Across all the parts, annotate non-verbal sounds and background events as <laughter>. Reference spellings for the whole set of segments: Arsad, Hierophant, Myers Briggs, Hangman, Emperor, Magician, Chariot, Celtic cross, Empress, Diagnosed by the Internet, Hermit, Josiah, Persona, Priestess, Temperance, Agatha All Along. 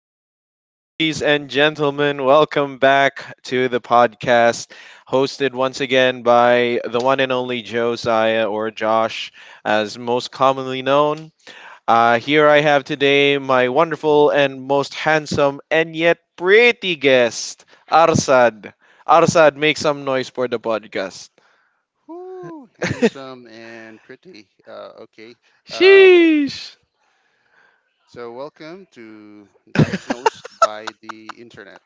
morning, ladies and gentlemen. Welcome back to the podcast, hosted once again by the one and only Josiah or Josh, as most commonly known. Here I have today my wonderful and most handsome and yet pretty guest, Arsad. Arsad, make some noise for the podcast. Whoo, handsome and pretty. Okay. Um, Sheesh. Welcome to Diagnosed by the Internet.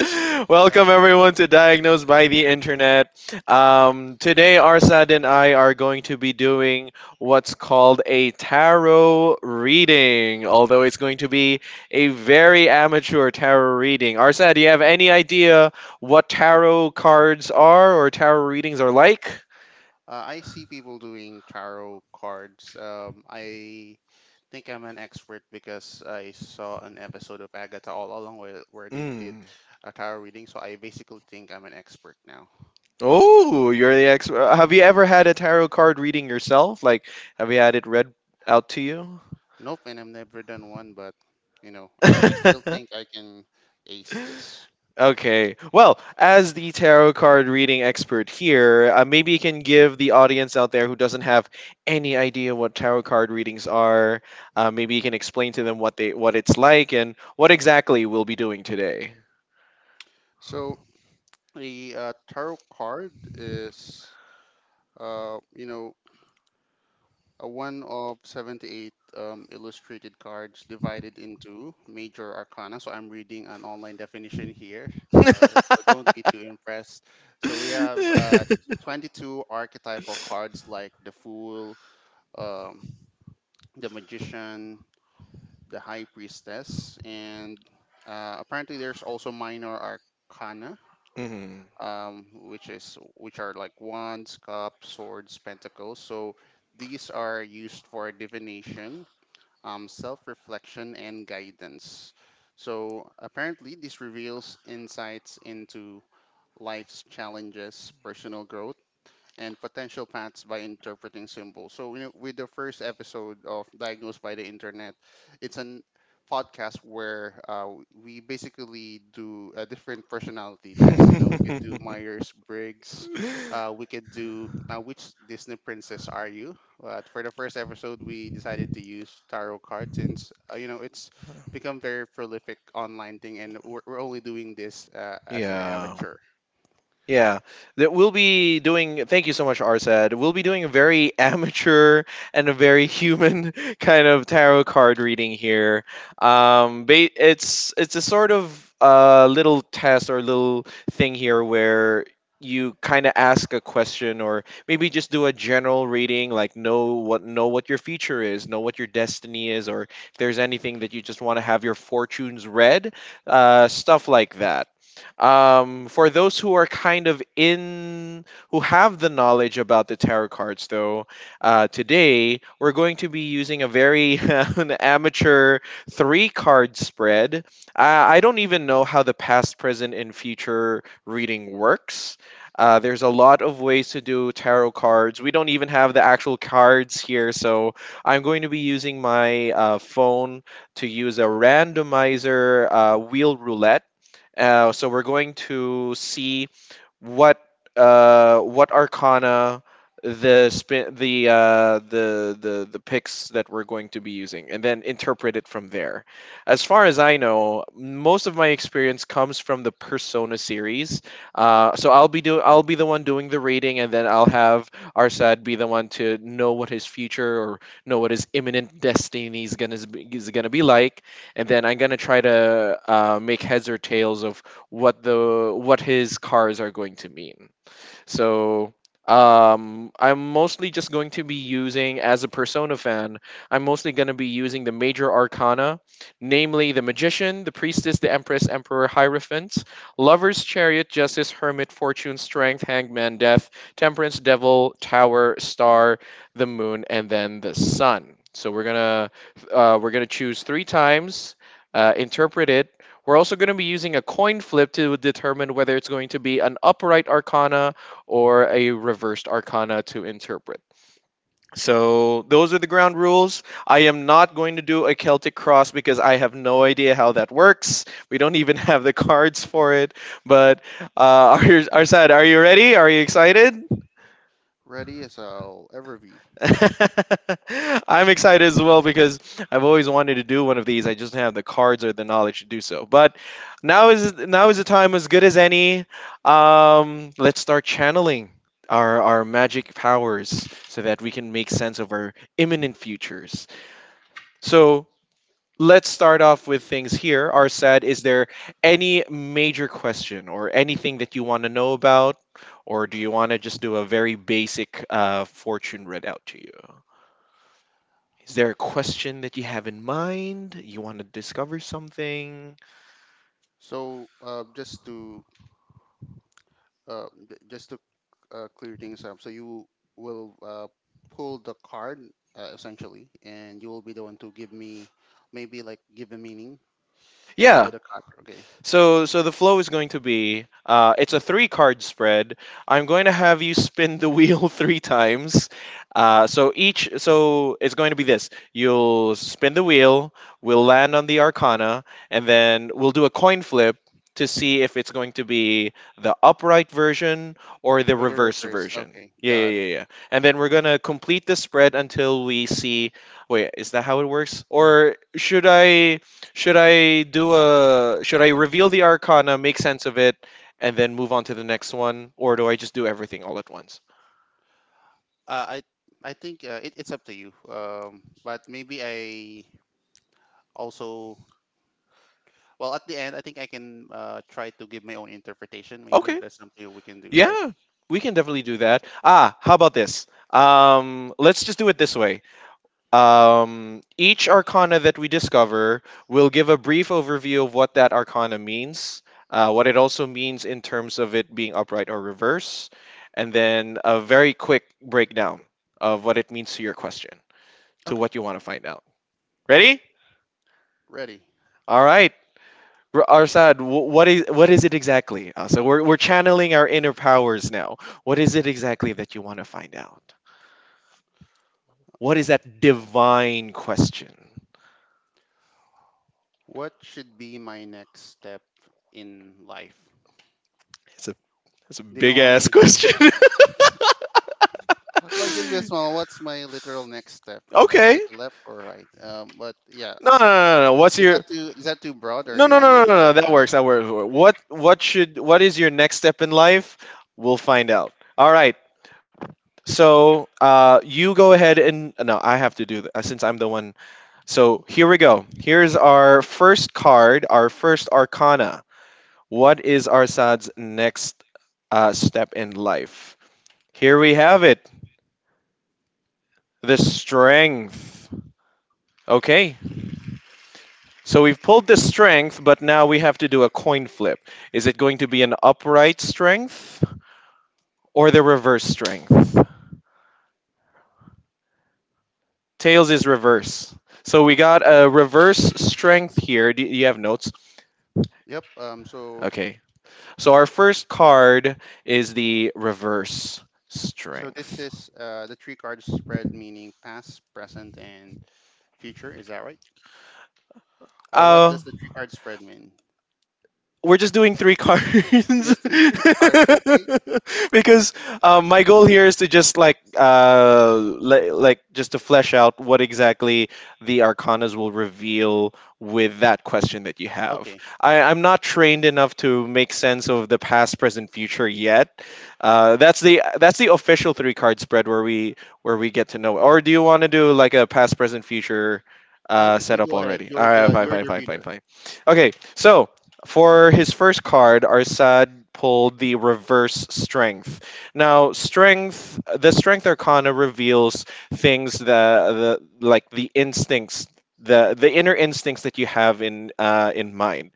<laughs> You know, Welcome everyone to Diagnosed by the Internet. Today, Arsad and I are going to be doing what's called a tarot reading, although it's going to be a very amateur tarot reading. Arsad, do you have any idea what tarot cards are or tarot readings are like? I see people doing tarot cards. I think I'm an expert because I saw an episode of Agatha All Along where they did Mm. a tarot reading. So, I basically think I'm an expert now. Oh, you're the expert. Have you ever had a tarot card reading yourself? Like, have you had it read out to you? Nope, and I've never done one, but I still <laughs> think I can ace this. Okay. Well, as the tarot card reading expert here, maybe you can give the audience out there who doesn't have any idea what tarot card readings are. Maybe you can explain to them what it's like and what exactly we'll be doing today. <laughs> So, the tarot card is, uh, you know, a one of 78 illustrated cards divided into major arcana. So I'm reading an online definition here. So don't be too impressed. So we have 22 archetypal cards like the Fool, um, the Magician, the High Priestess, and apparently there's also minor arcana, Mhm. Which are like wands, cups, swords, pentacles. So these are used for divination, self-reflection, and guidance. So apparently, this reveals insights into life's challenges, personal growth and potential paths by interpreting symbols. So, you know, with the first episode of Diagnosed by the Internet, it's an podcast where we basically do a different personality test. You know, we could do Myers <laughs> Briggs, we could do which Disney princess are you? But for the first episode, we decided to use tarot cards since you know it's become very prolific online thing, and we're only doing this as an Yeah. amateur. Yeah, that we'll be doing. Thank you so much, Arsad. We'll be doing a very <laughs> amateur and a very human <laughs> kind of tarot card reading here. It's a sort of little test or little thing here where you kind of ask a question or maybe just do a general reading, like know what your future is, know what your destiny is, or if there's anything that you just want to have your fortunes read, stuff like that. For those who are kind of who have the knowledge about the tarot cards, though, today we're going to be using a very <laughs> an amateur three card spread. I don't even know how the past, present, and future reading works. There's a lot of ways to do tarot cards. We don't even have the actual cards here, so I'm going to be using my phone to use a randomizer wheel roulette, so we're going to see what what arcana the spin the picks that we're going to be using, and then interpret it from there. As far as I know, most of my experience comes from the Persona series. I'll be the one doing the rating, and then I'll have Arsad be the one to know what his future or know what his imminent destiny is is gonna be like, and then I'm gonna try to make heads or tails of what his cars are going to mean. So I'm mostly just going to be using, as a Persona fan, I'm mostly going to be using the major arcana, namely the Magician, the Priestess, the Empress, Emperor, Hierophant, Lover's Chariot, Justice, Hermit, Fortune, Strength, Hangman, Death, Temperance, Devil, Tower, Star, the Moon, and then the Sun. So we're gonna choose three times, interpret it. We're also going to be using a coin flip to determine whether it's going to be an upright arcana, or a reversed arcana to interpret. So those are the ground rules. I am not going to do a Celtic cross because I have no idea how that works. We don't even <laughs> have the cards for it. But uh, <laughs> Arsad, are you ready? Are you excited? Ready as I'll ever be. <laughs> I'm excited as well because I've always wanted to do one of these. I just don't have the cards or the knowledge to do so. But now is a time as good as any. Let's start channeling our magic powers so that we can make sense of our imminent futures. So let's start off with things here. Arsad, is there any major question or anything that you want to know about, or do you want to just do a very basic fortune readout to you? Is there a question that you have in mind? You want to discover something? So, just to j- just to clear things up, so you will pull the card essentially, and you will be the one to give me maybe give a meaning to Yeah. what a card. Okay, So so the flow is going to be it's a three card spread. I'm going to have you spin the wheel <laughs> three times. So it's going to be this. You'll spin the wheel. We'll land on the Arcana, and then we'll do a coin flip to see if it's going to be the upright version or the or the reverse reverse. version. Okay, Yeah, yeah, got yeah, it. yeah. And then we're gonna complete the spread until we see. Wait, is that how it works? Or should I reveal the arcana, make sense of it, and then move on to the next one, or do I just do everything all at once? Uh, I I think it's up to you. But maybe I also well at the end I think I can try to give my own interpretation. Maybe Okay. that's something we can do, right? Yeah, we can definitely do that. Ah, how about this? Let's just do it this way. Each arcana that we discover will give a brief overview of what that arcana means, what it also means in terms of it being upright or reverse, and then a very quick breakdown of what it means to your question, to Okay, what you want to find out. Ready? ready. All right. Arsad, what is it exactly? We're channeling our inner powers now. What is it exactly that you want to find out? What is that divine question? What should be my next step in life? It's a it's a Do you big want ass <laughs> me? question. Like it be a <laughs> small. What's my literal next step? You know, is Okay. it the left or right? But yeah, No, no, no, no, no. What's your... is that too broad, or no, do you no, want no, me no, to no, narrow no. it That down? works. That works. What should what is your next step in life? We'll find out. All right. So you go ahead and no, I have to do that since I'm the one. So here we go. Here's our first card, our first arcana. What is Arsad's next step in life? Here we have it. The strength. Okay, so we've pulled the strength, but now we have to do a coin flip. Is it going to be an upright strength or the reverse strength? Tails is reverse. So we got a reverse strength here. Do you have notes... Yep. So Okay. So our first card is the reverse so this strength. is the three card spread meaning past, present, and future. Is that right? Or what Oh, does the three card spread mean? we're just doing three cards Just <laughs> the three <laughs> cards. Okay. because my goal here is to just like like just to flesh out what exactly the arcanas will reveal with that question that you have. Okay. I'm not trained enough to make sense of the past, present, future yet. That's the official three card spread where we get to know. Or do you want to do like a past, present, future? You Setup go ahead. already. All right, fine, You're fine, the fine, fine, reader. fine. Okay, so for his first card, Arsad pulled the reverse strength. Now, strength, the strength arcana reveals things that, the like the instincts, the inner instincts that you have in mind.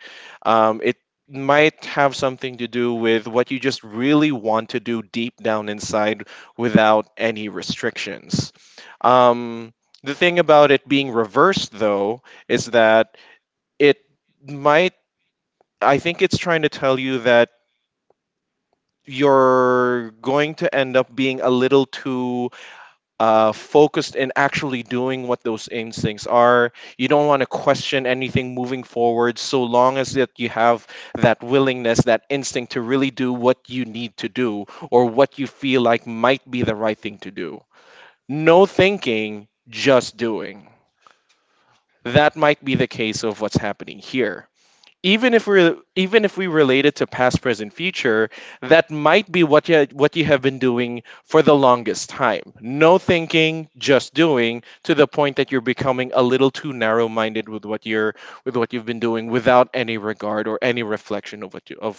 It might have something to do with what you just really want to do deep down inside without any restrictions. Um, the thing about it being reversed, though, is that it might I think it's trying to tell you that you're going to end up being a little too focused in actually doing what those instincts are. You don't want to question anything moving forward, so long as that you have that willingness, that instinct to really do what you need to do or what you feel like might be the right thing to do. No thinking, just doing. That might be the case of what's happening here. Even if we're even if we relate it to past, present, future, that might be what you have been doing for the longest time. No thinking, just doing, to the point that you're becoming a little too narrow minded with what you're with what you've been doing, without any regard or any reflection of what you of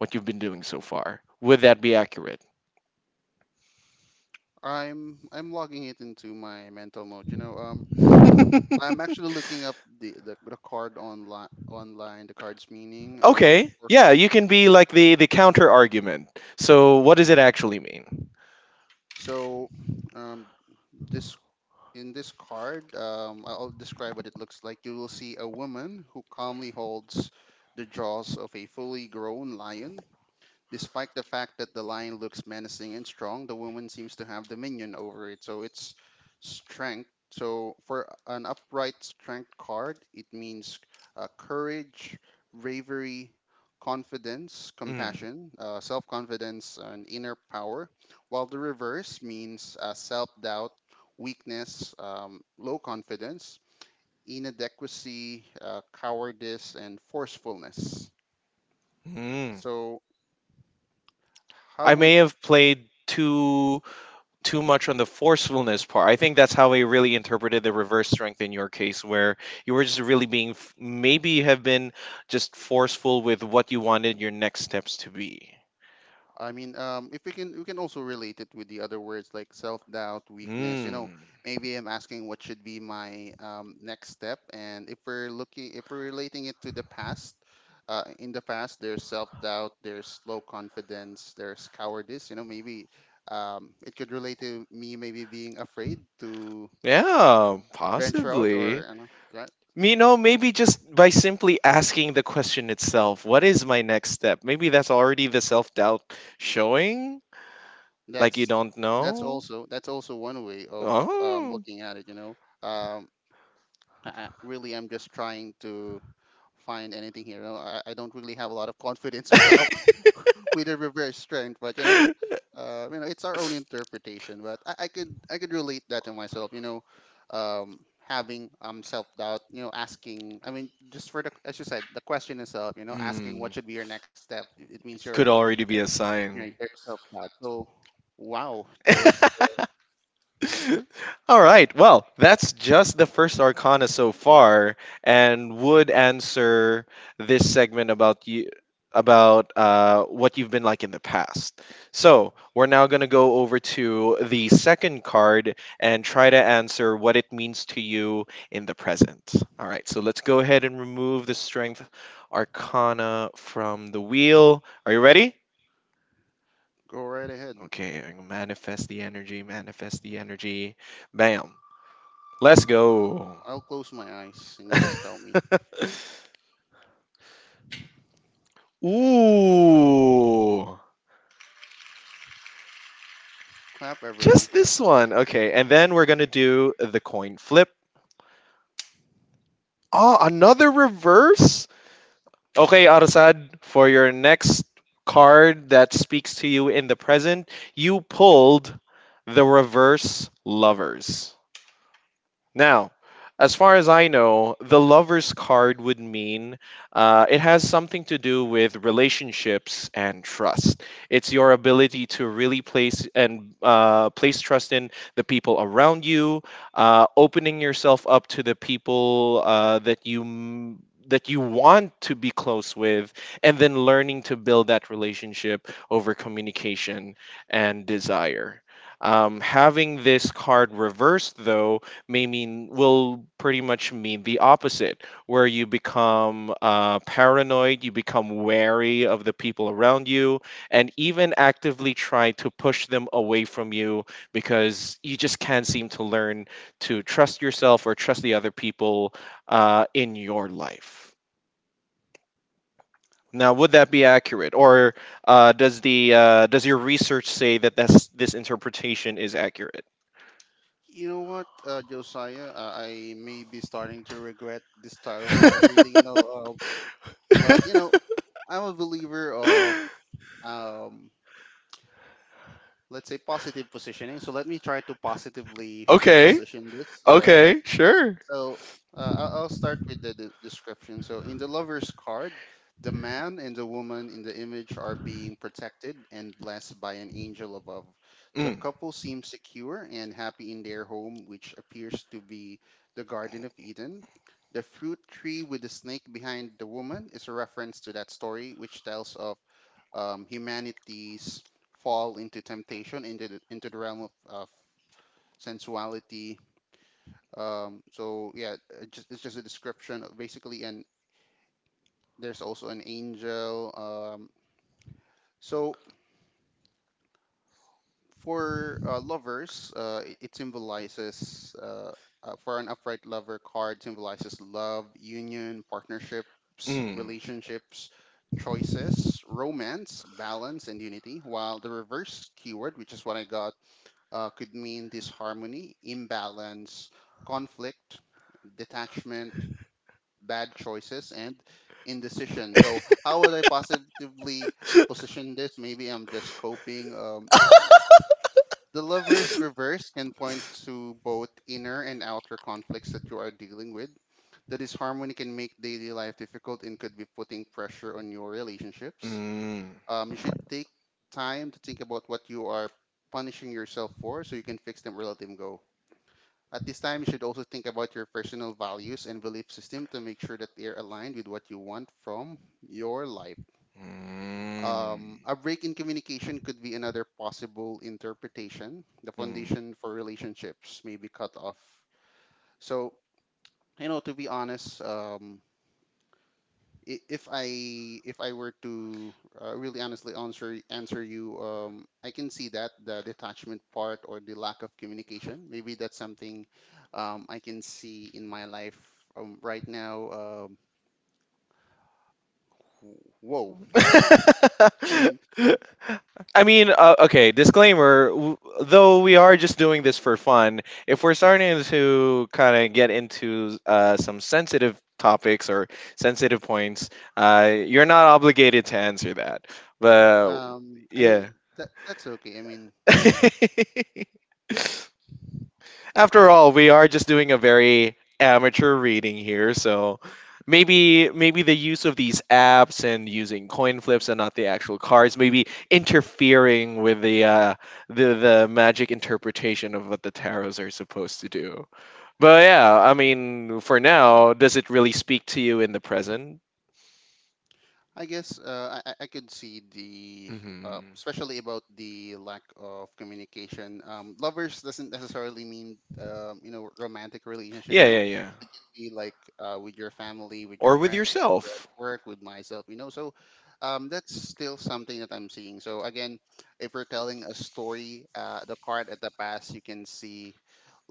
what you've been doing so far. Would that be accurate? I'm logging it into my mental note. I'm <laughs> actually looking up the card online, the card's meaning. Okay, yeah, you can be like the counter argument. So what does it actually mean? so, um, this in this card, I'll describe what it looks like. You will see a woman who calmly holds the jaws of a fully grown lion. Despite the fact that the lion looks menacing and strong, the woman seems to have dominion over it. So it's strength. So for an upright strength card, it means courage, bravery, confidence, Mm. compassion, self confidence, and inner power. While the reverse means self doubt, weakness, low confidence, inadequacy, cowardice, and forcefulness. Mm. So, how I would may have played too much on the forcefulness part. I think that's how I really interpreted the reverse strength in your case, where you were just really being maybe you have been just forceful with what you wanted your next steps to be. I mean, if we can, we can also relate it with the other words like self doubt, weakness. You know, Mm. maybe I'm asking what should be my next step, and if we're relating it to the past, in the past there's self doubt, there's low confidence, there's cowardice. You know, maybe it could relate to me maybe being afraid to Yeah, venture out, possibly. or you know, that You know, maybe just by simply asking the question itself, what is my next step? Maybe that's already the self doubt showing, like you that's don't know. That's also one way of Oh. looking at it. Um, I really am just trying to find anything here. I don't really have a lot of <laughs> confidence with the with the reverse strength, but <laughs> it's our own interpretation. But I could I could relate that to myself. Having self doubt. You know, asking. I mean, just for the as you said, the question itself. You know, asking Mm, what should be your next step. It means could you're already be a sign. you know there's self doubt. So wow, <laughs> just <laughs> All right. Well, that's just the first arcana so far, and would answer this segment about you about what you've been like in the past. So we're now gonna go over to the second card and try to answer what it means to you in the present. All right. So let's go ahead and remove the strength arcana from the wheel. Are you ready? Go right ahead. Okay. Manifest the energy. Manifest the energy. Bam. Let's go. I'll close my eyes and just tell me. <laughs> Ooh. Clap, everyone, Just clap. this one. Okay. And then we're going to do the coin flip. Oh, another reverse? Okay, Arasad, for your next card that speaks to you in the present, you pulled the reverse lovers. Now, as far as I know, the lover's card would mean it has something to do with relationships and trust. It's your ability to really place and place trust in the people around you, opening yourself up to the people that you want to be close with, and then learning to build that relationship over communication and desire. Having this card reversed, though, may mean will pretty much mean the opposite, where you become paranoid, you become wary of the people around you and even actively try to push them away from you because you just can't seem to learn to trust yourself or trust the other people in your life. Now, would that be accurate, or does the does your research say that this interpretation is accurate? You know what, Josiah? I may be starting to regret this tarot card reading, but you know, I'm a believer of, <laughs> um, let's say, positive positioning. So let me try to positively Okay. position this. Okay. Sure. so I'll start with the description. So in the lover's card, the man and the woman in the image are being protected and blessed by an angel above. The Mm. couple seem secure and happy in their home, which appears to be the Garden of Eden. The fruit tree with the snake behind the woman is a reference to that story, which tells of humanity's fall into temptation into the realm of sensuality. So yeah, it just, it's just a description of basically, and there's also an angel. So for lovers, it symbolizes for an upright lover card symbolizes love, union, partnerships, Mm. relationships, choices, romance, balance, and unity. While the reverse keyword, which is what I got, could mean disharmony, imbalance, conflict, detachment, bad choices and indecision. So how would I positively position this? Maybe I'm just coping. The lovers reverse can point to both inner and outer conflicts that you are dealing with. The disharmony can make daily life difficult and could be putting pressure on your relationships. Mm. You should take time to think about what you are punishing yourself for so you can fix them, or let them go. At this time, you should also think about your personal values and belief system to make sure that they are aligned with what you want from your life. Mm. A break in communication could be another possible interpretation. The foundation for relationships may be cut off. So, you know, to be honest, i- if I if I were to really honestly answer you, I can see that the detachment part or the lack of communication. Maybe that's something I can see in my life right now. Whoa! I Mm. mean, <laughs> I mean, okay, disclaimer, though we are just doing this for fun, if we're starting to kind of get into some sensitive topics or sensitive points, you're not obligated to answer that. But I mean yeah. that that's okay. I mean, <laughs> After all, we are just doing a very amateur reading here, so maybe the use of these apps and using coin flips and not the actual cards maybe interfering with the magic interpretation of what the tarots are supposed to do. But yeah, I mean, for now, does it really speak to you in the present? I guess I I could see the Hmm. Especially about the lack of communication. Lovers doesn't necessarily mean you know romantic relationship. Yeah, No, yeah, yeah. be like with your family, with your Or with friends, or at yourself. work, with myself, you know. So that's still something that I'm seeing. So again, if we're telling a story, the card at the past, you can see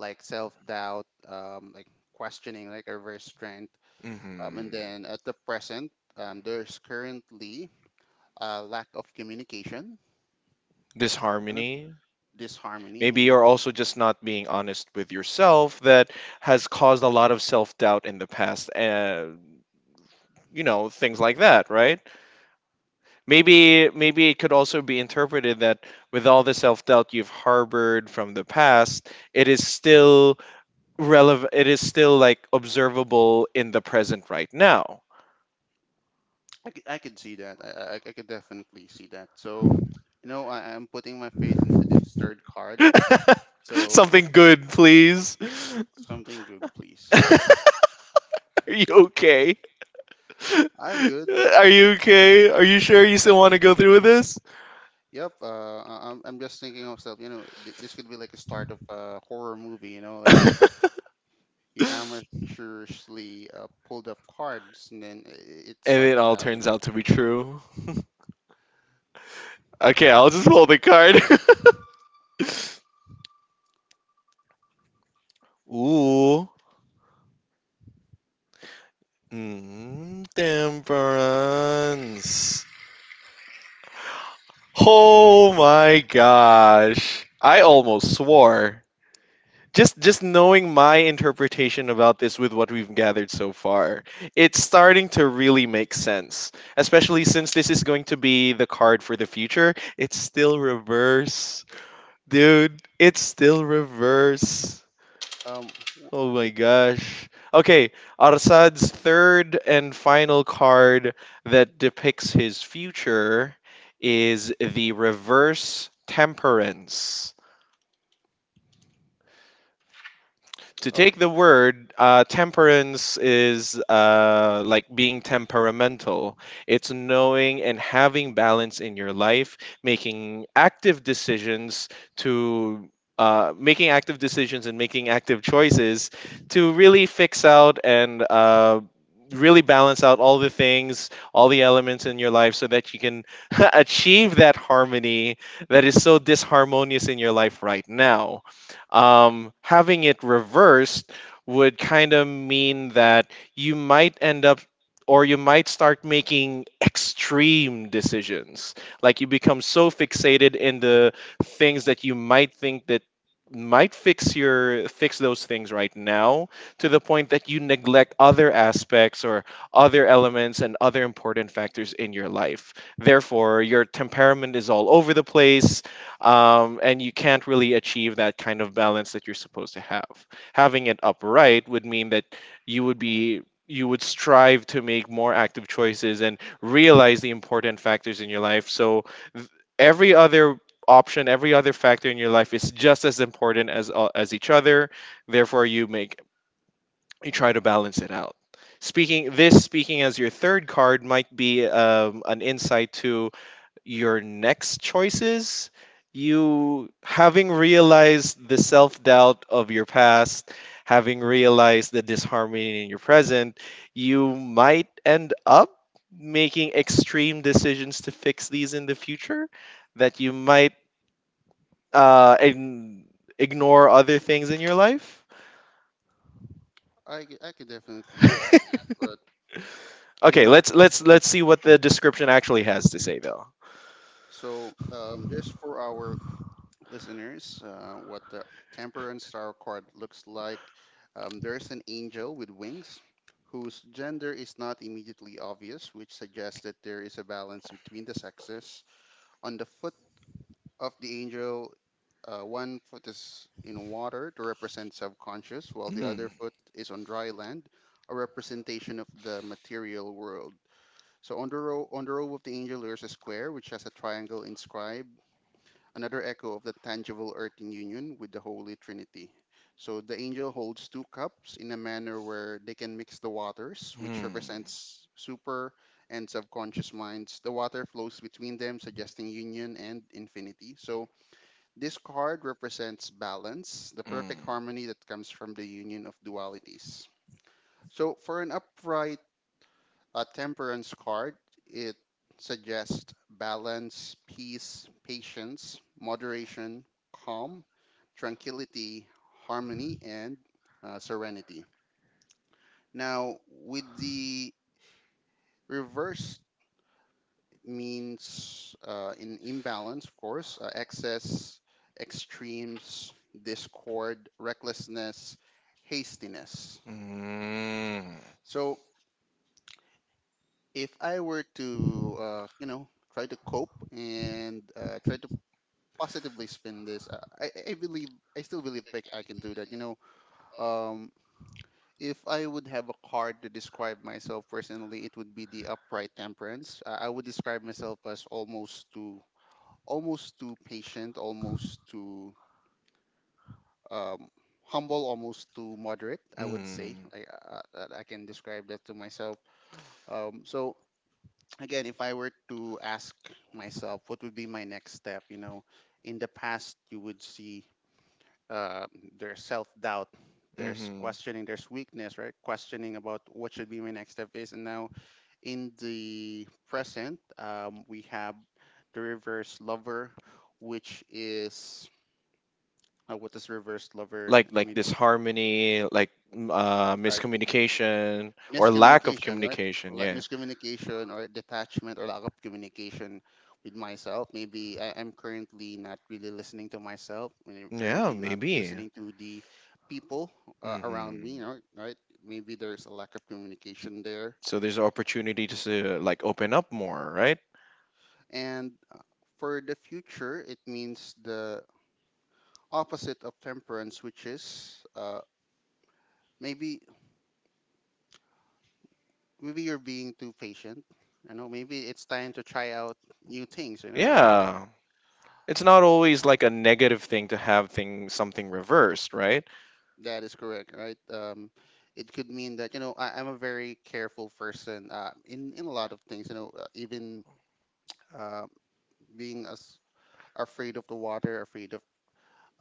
self doubt, like questioning, like reverse strength. And Hmm. then at the present, there's currently a lack of communication, Disharmony. disharmony, Maybe you know. you're also just not being honest with yourself, that has caused a lot of self doubt in the past. You know, things like that, right? Maybe it could also be interpreted that with all the self doubt you've harbored from the past, it is still relevant. It is still like observable in the present right now. I could see that. I could definitely see that. So, I'm putting my faith into this third card. <laughs> So Something good, please. <laughs> something good, please. Are you okay? I'm good. <laughs> Are you okay? Are you sure you still want to go through with this? Yep. I'm just thinking of stuff. This could be like a start of a horror movie. You know, <laughs> like And you amateurishly pulled up cards, and then it starts it to all happen. turns out to be true. <laughs> Okay, I'll just hold the card. <laughs> Ooh. Mm, temperance. Oh my gosh. I almost swore. Just knowing my interpretation about this with what we've gathered so far, it's starting to really make sense, especially since this is going to be the card for the future. It's still reverse. Dude, it's still reverse. Um. w- Oh my gosh. Okay. Arsad's third and final card that depicts his future is the reverse temperance. To Oh, take the word, temperance is like being temperamental. It's knowing and having balance in your life, making active decisions to. Making active decisions and making active choices to really fix out and really balance out all the things, all the elements in your life so that you can <laughs> achieve that harmony that is so disharmonious in your life right now. Having it reversed would kind of mean that you might end up or you might start making extreme decisions, like you become so fixated in the things that you might think that might fix those things right now, to the point that you neglect other aspects or other elements and other important factors in your life. Therefore, your temperament is all over the place. And you can't really achieve that kind of balance that you're supposed to have. Having it upright would mean that you would be, you would strive to make more active choices and realize the important factors in your life. So th- every other option, every other factor in your life is just as important as each other. Therefore, you make, you try to balance it out. Speaking as your third card might be an insight to your next choices. You, having realized the self doubt of your past, having realized the disharmony in your present, you might end up making extreme decisions to fix these in the future, that you might uh, ign- ignore other things in your life. I could definitely, but <laughs> you Okay, know, let's see what the description actually has to say though. so just for our listeners what the Temperance Star card looks like. There's an angel with wings whose gender is not immediately obvious, which suggests that there is a balance between the sexes. On the foot of the angel, one foot is in water to represent subconscious, while Hmm. the Hmm. other foot is on dry land, a representation of the material world. So on the row of the angel there's a square which has a triangle inscribed, another echo of the tangible earthing union with the Holy Trinity. So the angel holds two cups in a manner where they can mix the waters, which represents super and subconscious minds. The water flows between them, suggesting union and infinity. So this card represents balance, the Mm. perfect harmony that comes from the union of dualities. So for an upright a temperance card, it suggests balance, peace, patience, moderation, calm, tranquility, harmony, and serenity. Now, with the reverse means an imbalance, of course, excess, extremes, discord, recklessness, hastiness. Mm. So, if I were to, you know, try to cope and try to positively spin this, I believe I still believe I can do that. Um, if I would have a card to describe myself personally, it would be the upright temperance. I would describe myself as almost too patient, almost too um, humble, almost too moderate. I would say I that I can describe that to myself. So again, if I were to ask myself, what would be my next step? You know, in the past, you would see uh, there's self doubt, Mm. there's Mhm. questioning, there's weakness, right? Questioning about what should be my next step is. And now in the present, we have the reverse lover, which is what does reverse lover Like like mean? this harmony, like miscommunication or lack of Miscommunication, right? communication. Like Yeah. miscommunication or detachment or lack of communication with myself. Maybe I am currently not really listening to myself. I mean, Yeah, currently not maybe. listening to the people around Hmm. me, right? Maybe there's a lack of communication there. So there's opportunity to like open up more, right? And for the future, it means the opposite of temperance, which is maybe maybe you're being too patient. You know, maybe it's time to try out new things. You know, or Yeah. It's not always like a negative thing to have thing something reversed, right? that is correct, right? It could mean that you know I'm a very careful person in a lot of things. You know, even uh, being as afraid of the water, afraid of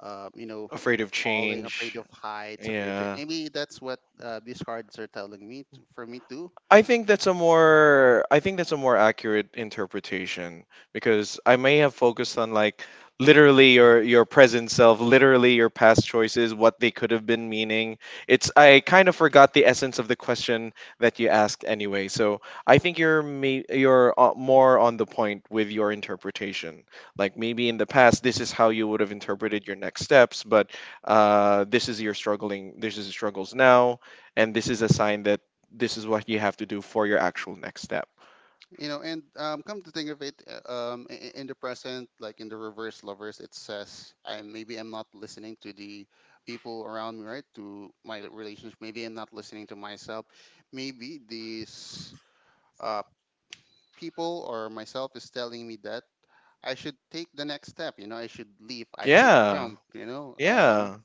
you know Afraid of falling, afraid change. of heights, afraid of Yeah. maybe that's what these cards are telling me to, for me too. I think that's a more accurate interpretation, because I may have focused on like literally your present self, literally your past choices, what they could have been meaning. It's, I kind of forgot the essence of the question that you asked anyway. So I think you're more on the point with your interpretation. Like maybe in the past this is how you would have interpreted your next steps, but this is your struggling. This is struggles now, and this is a sign that this is what you have to do for your actual next step. You know, and come to think of it, in the present, like in the reverse lovers, it says, I maybe I'm not listening to the people around me, right? To my relationship, maybe I'm not listening to myself. Maybe these uh, people or myself is telling me that I should take the next step. You know, I should leave. I should Yeah. jump. You know, Yeah.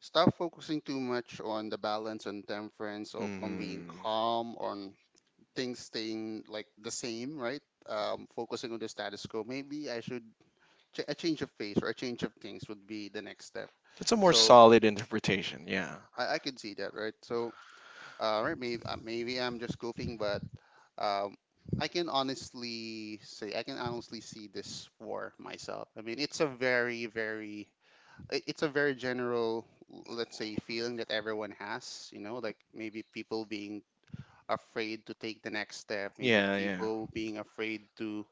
stop focusing too much on the balance and temperance of on being Hmm. calm, on things staying like the same, right? Focusing on the status quo. Maybe I should a change of pace or a change of things would be the next step. That's a more So solid interpretation. Yeah. I can see that, right? So right, maybe I'm just goofing, but um, I can honestly say I can honestly see this for myself. I mean, it's a very very it's a very general let's say feeling that everyone has you know like maybe people being afraid to take the next step, maybe Yeah. Yeah. people being afraid to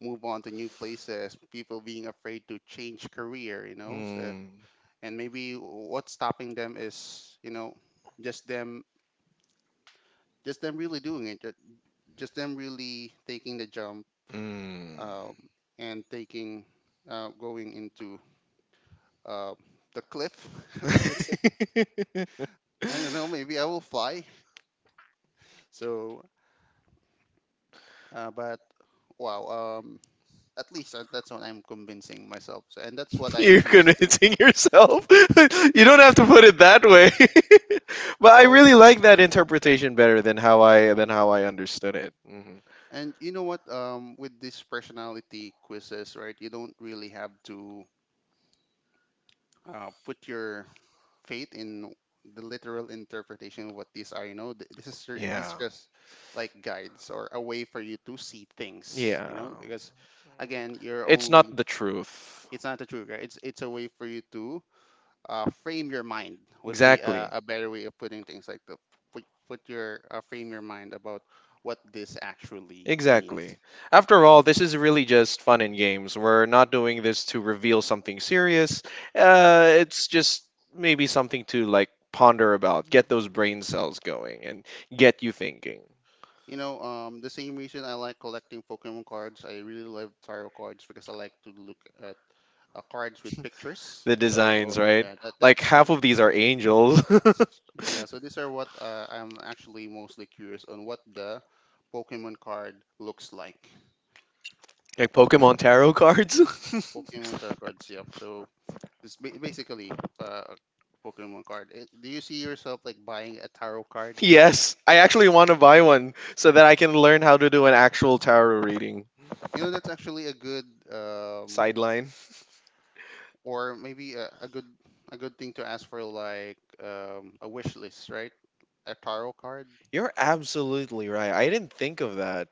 move on to new places, people being afraid to change career, you know. So, Mm. and maybe what's stopping them is, you know, just them just them really doing it, just them really taking the jump um, and taking going into uh, the cliff, <laughs> I would say. Mm. I don't know, maybe I will fly. So, but wow, at least that's what I'm convincing myself, so, and that's what <laughs> <laughs> I You're choose to. convincing yourself. <laughs> You don't have to put it that way. <laughs> But I Well, really like that interpretation better than how I understood it. Hmm. and you know what? With these personality quizzes, right? You don't really have to put your faith in the literal interpretation of what these are. You know, this is your- these Yeah. just like guides or a way for you to see things. Yeah. You know, because again, you're It's not only the truth. it's not a true guide. It's a way for you to frame your mind would be Exactly. A better way of putting things like the put, put your frame your mind about what this actually means. Exactly. After all, this is really just fun and games. We're not doing this to reveal something serious. It's just maybe something to like ponder about, get those brain cells going, and get you thinking. You know, the same reason I like collecting Pokemon cards, I really love tarot cards because I like to look at cards with <laughs> pictures. The designs, So right? yeah, that, Like that's half of these are angels, <laughs> like yeah. So these are what I'm actually mostly curious on what the Pokemon card looks like. Pokemon tarot cards. Pokemon tarot cards, yep. So it's basically a Pokemon card. Eh, do you see yourself like buying a tarot card? <laughs> Yes, I actually want to buy one so that I can learn how to do an actual tarot reading. You know, that's actually a good Sideline. or maybe a good thing to ask for like a wish list, right? A tarot card. You're absolutely right. I didn't think of that.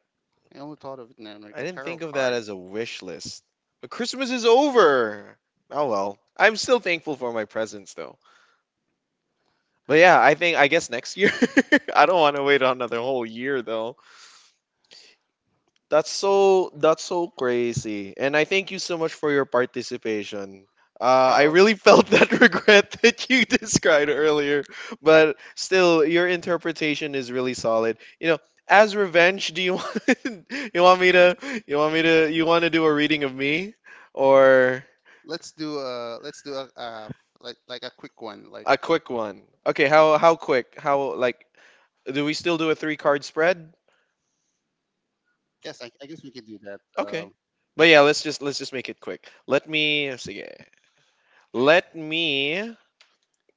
I only thought of it now, like I a didn't tarot think of that card. as a wish list. But Christmas is over. Oh well. I'm still thankful for my presents though. But yeah, I think, I guess next year. <laughs> I don't want to wait another whole year though. That's so crazy. And I thank you so much for your participation. I How? really felt that <laughs> regret that you <laughs> described earlier, but still, your interpretation is really solid. You know, as revenge, do you <laughs> want, you want me to, you want to do a reading of me, or Let's do a like a quick one. Like a quick one? Okay, how quick? How like, do we still do a three card spread? yes, I guess we can do that. Okay, but yeah, let's just make it quick. Let me sige. Let me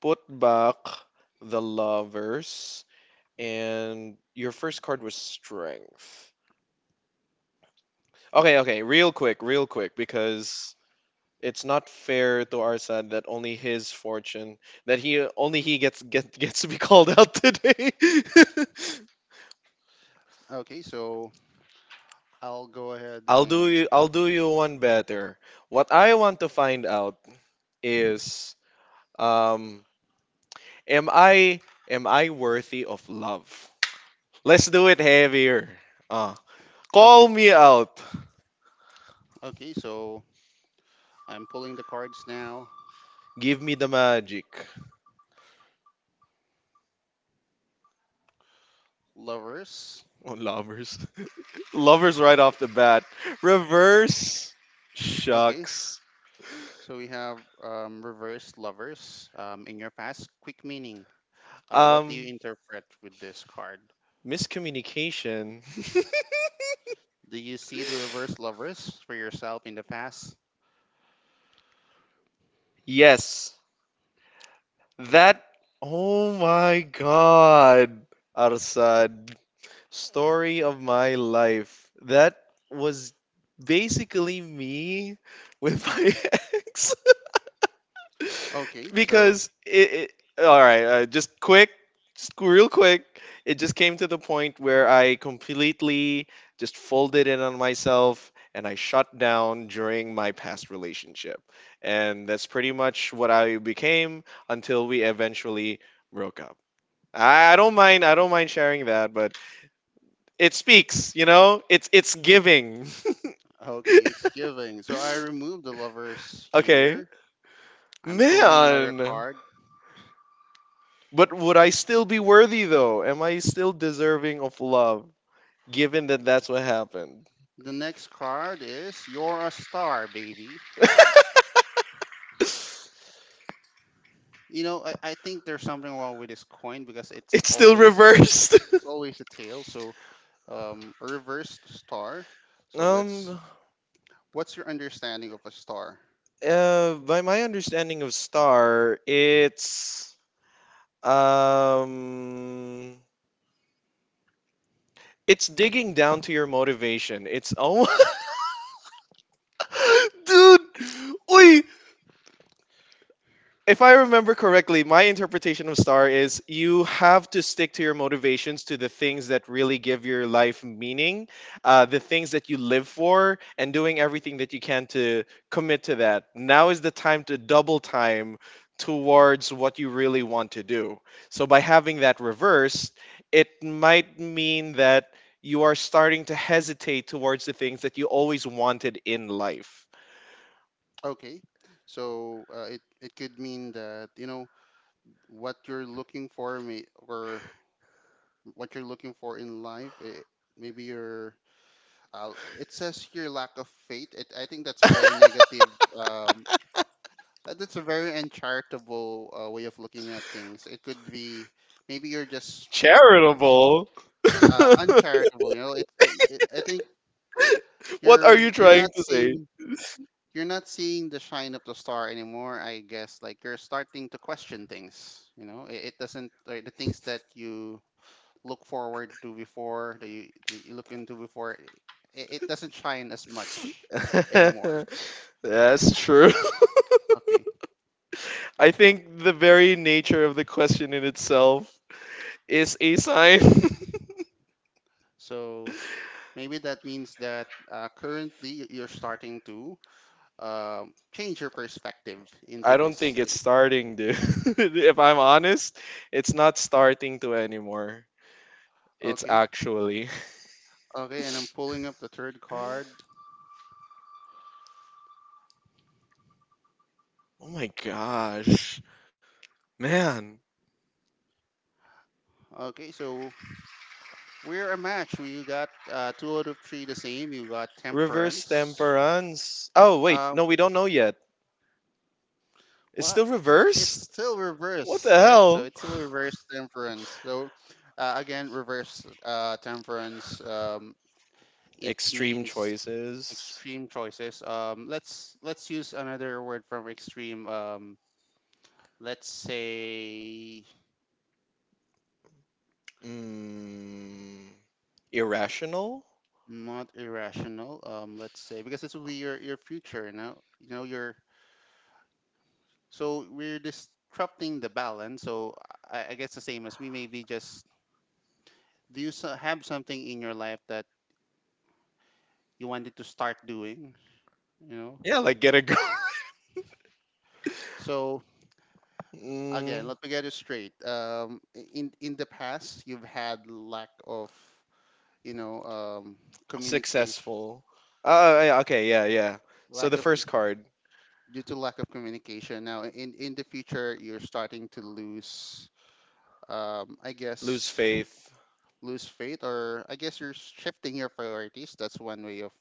put back the lovers. And your first card was strength. Okay, okay, real quick, real quick, because it's not fair to our, that only his fortune, that he gets <laughs> gets to be called out <laughs> today. Okay, so I'll go ahead <laughs> and I'll do you one better. What I want to find out is, um am i am I worthy of love? Let's do it heavier. uh Call okay, me out. okay, so I'm pulling the cards now. Give me the magic. Lovers. Oh, lovers. <laughs> Lovers right off the bat. Reverse. Okay, Shucks. so we have reverse lovers. In your past, quick meaning. What do you Um, interpret with this card? Miscommunication. Do you see the reverse lovers for yourself in the past? <laughs> Yes. That. Oh my god. Arsad. Story of my life. That was basically me with my <laughs> ex. Okay, so Because it, all right, just quick, just real quick, it just came to the point where I completely just folded in on myself and I shut down during my past relationship, and that's pretty much what I became until we eventually broke up. I don't mind, I don't mind sharing that, but it speaks, you know, it's giving. okay, it's giving. So I remove the lovers <laughs> Okay. here. I'm pulling another Man. card. But would I still be worthy though? Am I still deserving of love given that that's what happened? The next card is you're a star, baby. You know, I think there's something wrong with this coin because it's It's still always a reversed. always a tail. So reversed star. <laughs> So let's. um What's your understanding of a star? By my understanding of star, um it's digging down to your motivation. It's, oh <laughs> dude, oi, if I remember correctly, my interpretation of star is you have to stick to your motivations, to the things that really give your life meaning, the things that you live for, and doing everything that you can to commit to that. Now is the time to double time towards what you really want to do. So by having that reversed, it might mean that you are starting to hesitate towards the things that you always wanted in life. Okay, so it it could mean that you know what you're looking for, may, or what you're looking for in life. It, maybe your uh, it says your lack of faith. It, I think that's a very negative. Um, that's a very uncharitable way of looking at things. It could be maybe you're just Charitable. <laughs> Uncharitable. You know, it, it, it. I think What are you're you you're trying not to say? seeing you're not seeing the shine of the star anymore. I guess like you're starting to question things, you know. It doesn't like the things that you look forward to before that you look into before it, it doesn't shine as much anymore. <laughs> That's true. Okay <laughs> I think the very nature of the question in itself is a sign. so maybe that means that currently you're starting to change your perspective <laughs> I into don't think this it's thing. starting, dude. <laughs> If I'm honest, it's not starting to anymore. It's Okay actually. okay and I'm pulling up the third card. <laughs> Oh my gosh. Man. Okay so we're a match. We got two out of three the same. You got Reverse temperance. temperance. Oh, wait. Um, No, we don't know yet. It's well, still it's reversed? still What reverse, the right? So hell? it's still reverse temperance. So again, reverse temperance. It Extreme means choices. extreme choices. Let's use another word from extreme. Let's say Mm, irrational? not irrational. Let's say because this will be your future. You know your so we're disrupting the balance. So I guess the same as me. Maybe just have something in your life that you wanted to start doing? You know. Yeah, like get a girl. So <laughs> again, mm, let me get it straight. In the past, you've had lack of you know communication, successful. Yeah, okay, yeah. So lack the of co- first card, due to lack of communication. Now, in the future, you're starting to lose. I lose guess faith. lose faith, or I guess you're shifting your priorities. That's one way of,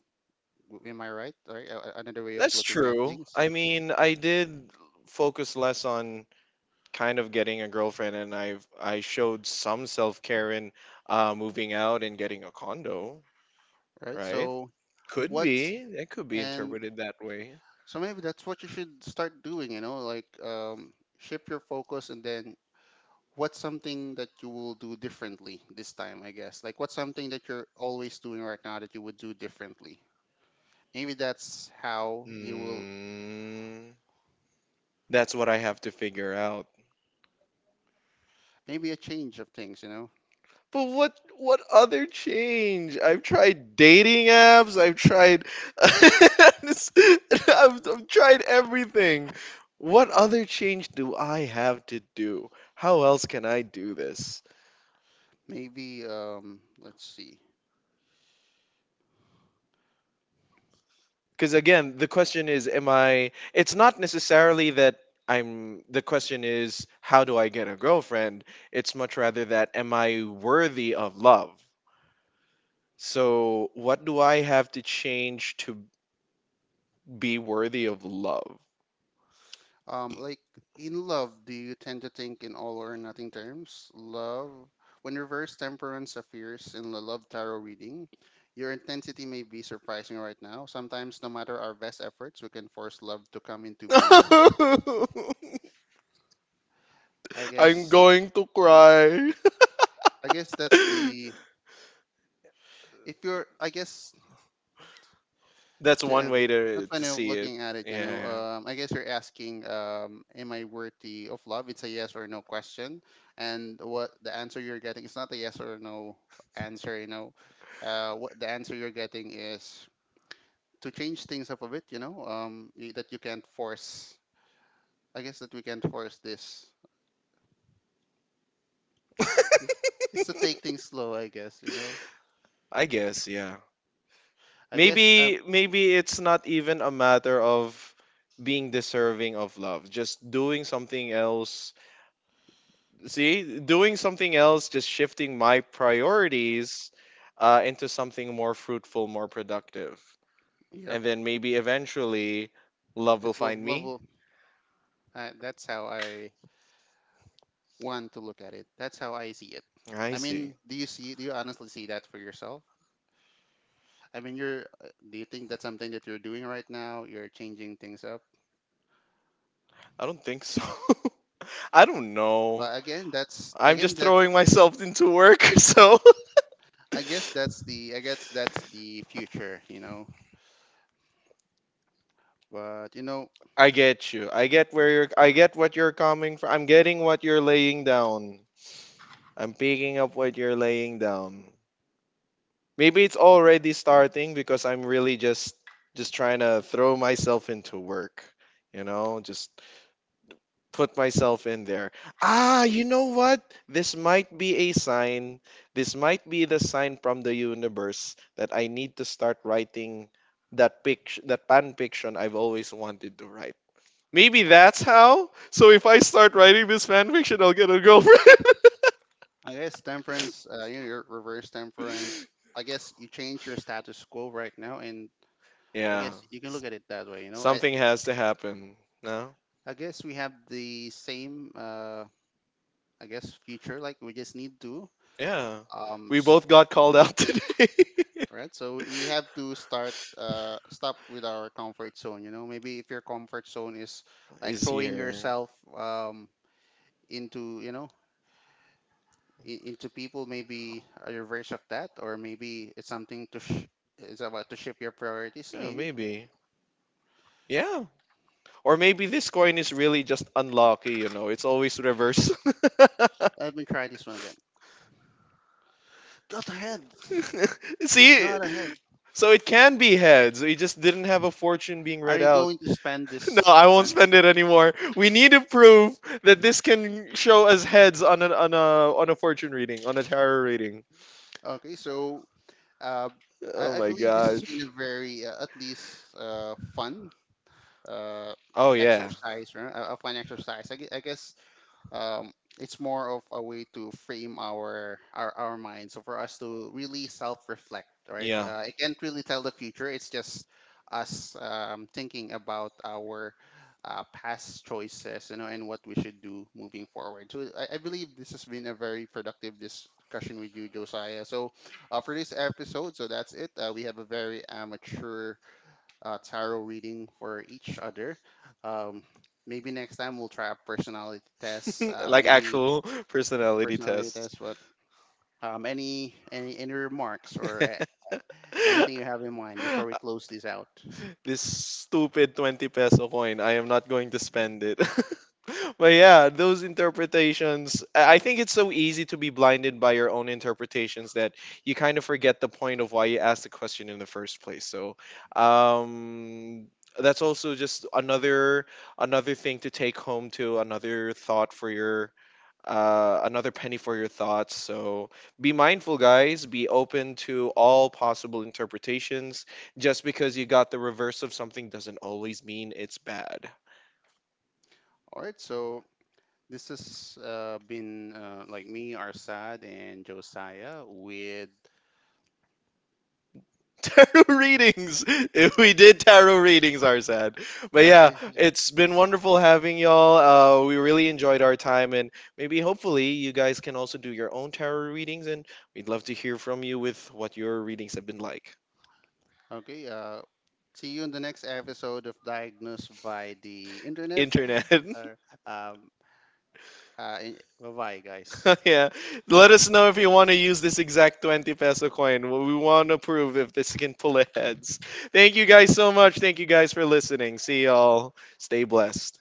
am I right? Right, another way of That's looking at true. things, I mean, I did focus less on kind of getting a girlfriend, and I showed some self care in moving out and getting a condo. right? Right? So Could what's be. It could be and interpreted that way. so maybe that's what you should start doing. You know, like shift your focus, and then what's something that you will do differently this time? I guess like what's something that you're always doing right now that you would do differently. Maybe that's how you will. Mm, that's what I have to figure out. Maybe a change of things. You know, But what other change? I've tried dating apps. I've tried. <laughs> I've tried everything. What other change do I have to do? How else can I do this? maybe let's see. Because again, the question is, am I? It's not necessarily that I'm. The question is, how do I get a girlfriend? It's much rather that, am I worthy of love? So, what do I have to change to be worthy of love? Like in love, do you tend to think in all or nothing terms? Love, when reverse temperance appears in the love tarot reading, your intensity may be surprising right now. Sometimes, no matter our best efforts, we can force love to come into being. <laughs> I I'm guess, going to cry. I guess that's the, <laughs> if you're, I guess That's to one end. way to That's to kind of see it. looking at it, you know. Yeah, I guess you're asking, am I worthy of love? It's a yes or no question, and what the answer you're getting is not a yes or no answer, you know. What the answer you're getting is to change things up a bit, you know. That you can't force. I guess that we can't force this. yeah. It's to take things slow, I guess, you know. <laughs> I guess, yeah. I guess, Maybe it's not even a matter of being deserving of love. Just doing something else. See, doing something else, just shifting my priorities into something more fruitful, more productive. yep. And then maybe eventually love It will will find love me. will. That's how I one to look at it. That's how I see it. I I see. mean, do you see? Do you honestly see that for yourself? I mean, you're. Do you think that's something that you're doing right now? You're changing things up. I don't think so. <laughs> I don't know. But again, that's I'm again just that's. throwing myself into work, <laughs> so I guess that's the. I guess that's the future. You know. But you know, I get you. I get what you're coming from. I'm getting what you're laying down. I'm picking up what you're laying down. Maybe it's already starting because I'm really just trying to throw myself into work, you know, just put myself in there. Ah, you know what? This might be a sign. This might be the sign from the universe that I need to start writing that fanfiction I've always wanted to write. Maybe that's how. So if I start writing this fanfiction, I'll get a girlfriend. I guess temperance. You know, your reverse temperance. <laughs> I guess you change your status quo right now, and I guess Yeah. you can look at it that way. You know, I. Something has to happen. No? I guess we have the same. I guess future. Like we just need to Yeah. um We s- both got called out <laughs> today. right so we have to start stop with our comfort zone. You know, maybe if your comfort zone is like Is throwing here. yourself um into you know into people, maybe a reverse of that, or maybe it's something to it's about to shift your priorities Yeah, maybe. maybe. Yeah. Or maybe this coin is really just unlucky, you know. It's always reverse. <laughs> Let me try this one again. Got ahead. <laughs> We See, got ahead. so it can be heads. We just didn't have a fortune being Are read you out. going <laughs> to spend No, this I won't spend it anymore. We need to prove that this can show us heads on an on a fortune reading, on a tarot reading. okay so uh Oh I my believe this has been gosh. a very, at least, fun uh, Oh yeah. exercise, right? I exercise. I guess um, it's more of a way to frame our mind. So for us to really self-reflect, right? Yeah. I can't really tell the future. It's just us thinking about our past choices, you know, and what we should do moving forward. So I believe this has been a very productive discussion with you, Josiah. So for this episode, so that's it. We have a very amateur tarot reading for each other. Um, Maybe next time we'll try a personality test. <laughs> Like Maybe actual personality personality tests. test. But any remarks or anything you have in mind <laughs> before we close this out? This stupid 20 peso coin. I am not going to spend it. <laughs> But yeah, those interpretations, I think it's so easy to be blinded by your own interpretations that you kind of forget the point of why you asked the question in the first place. So, um, that's also just another thing to take home to another thought for your another penny for your thoughts. So be mindful, guys. Be open to all possible interpretations. Just because you got the reverse of something doesn't always mean it's bad. All right. So this has been like me, Arsad, and Josiah with. <laughs> Tarot readings. If we did tarot readings, are sad. But yeah, Okay. it's been wonderful having y'all. We really enjoyed our time, and maybe hopefully you guys can also do your own tarot readings. And we'd love to hear from you with what your readings have been like. Okay. See you in the next episode of Diagnosed by the Internet. Internet. <laughs> Uh, um, uh, bye bye, guys. <laughs> Yeah. Let us know if you want to use this exact 20 peso coin. We want to prove if this can pull a heads. Thank you guys so much. Thank you guys for listening. See y'all. Stay blessed.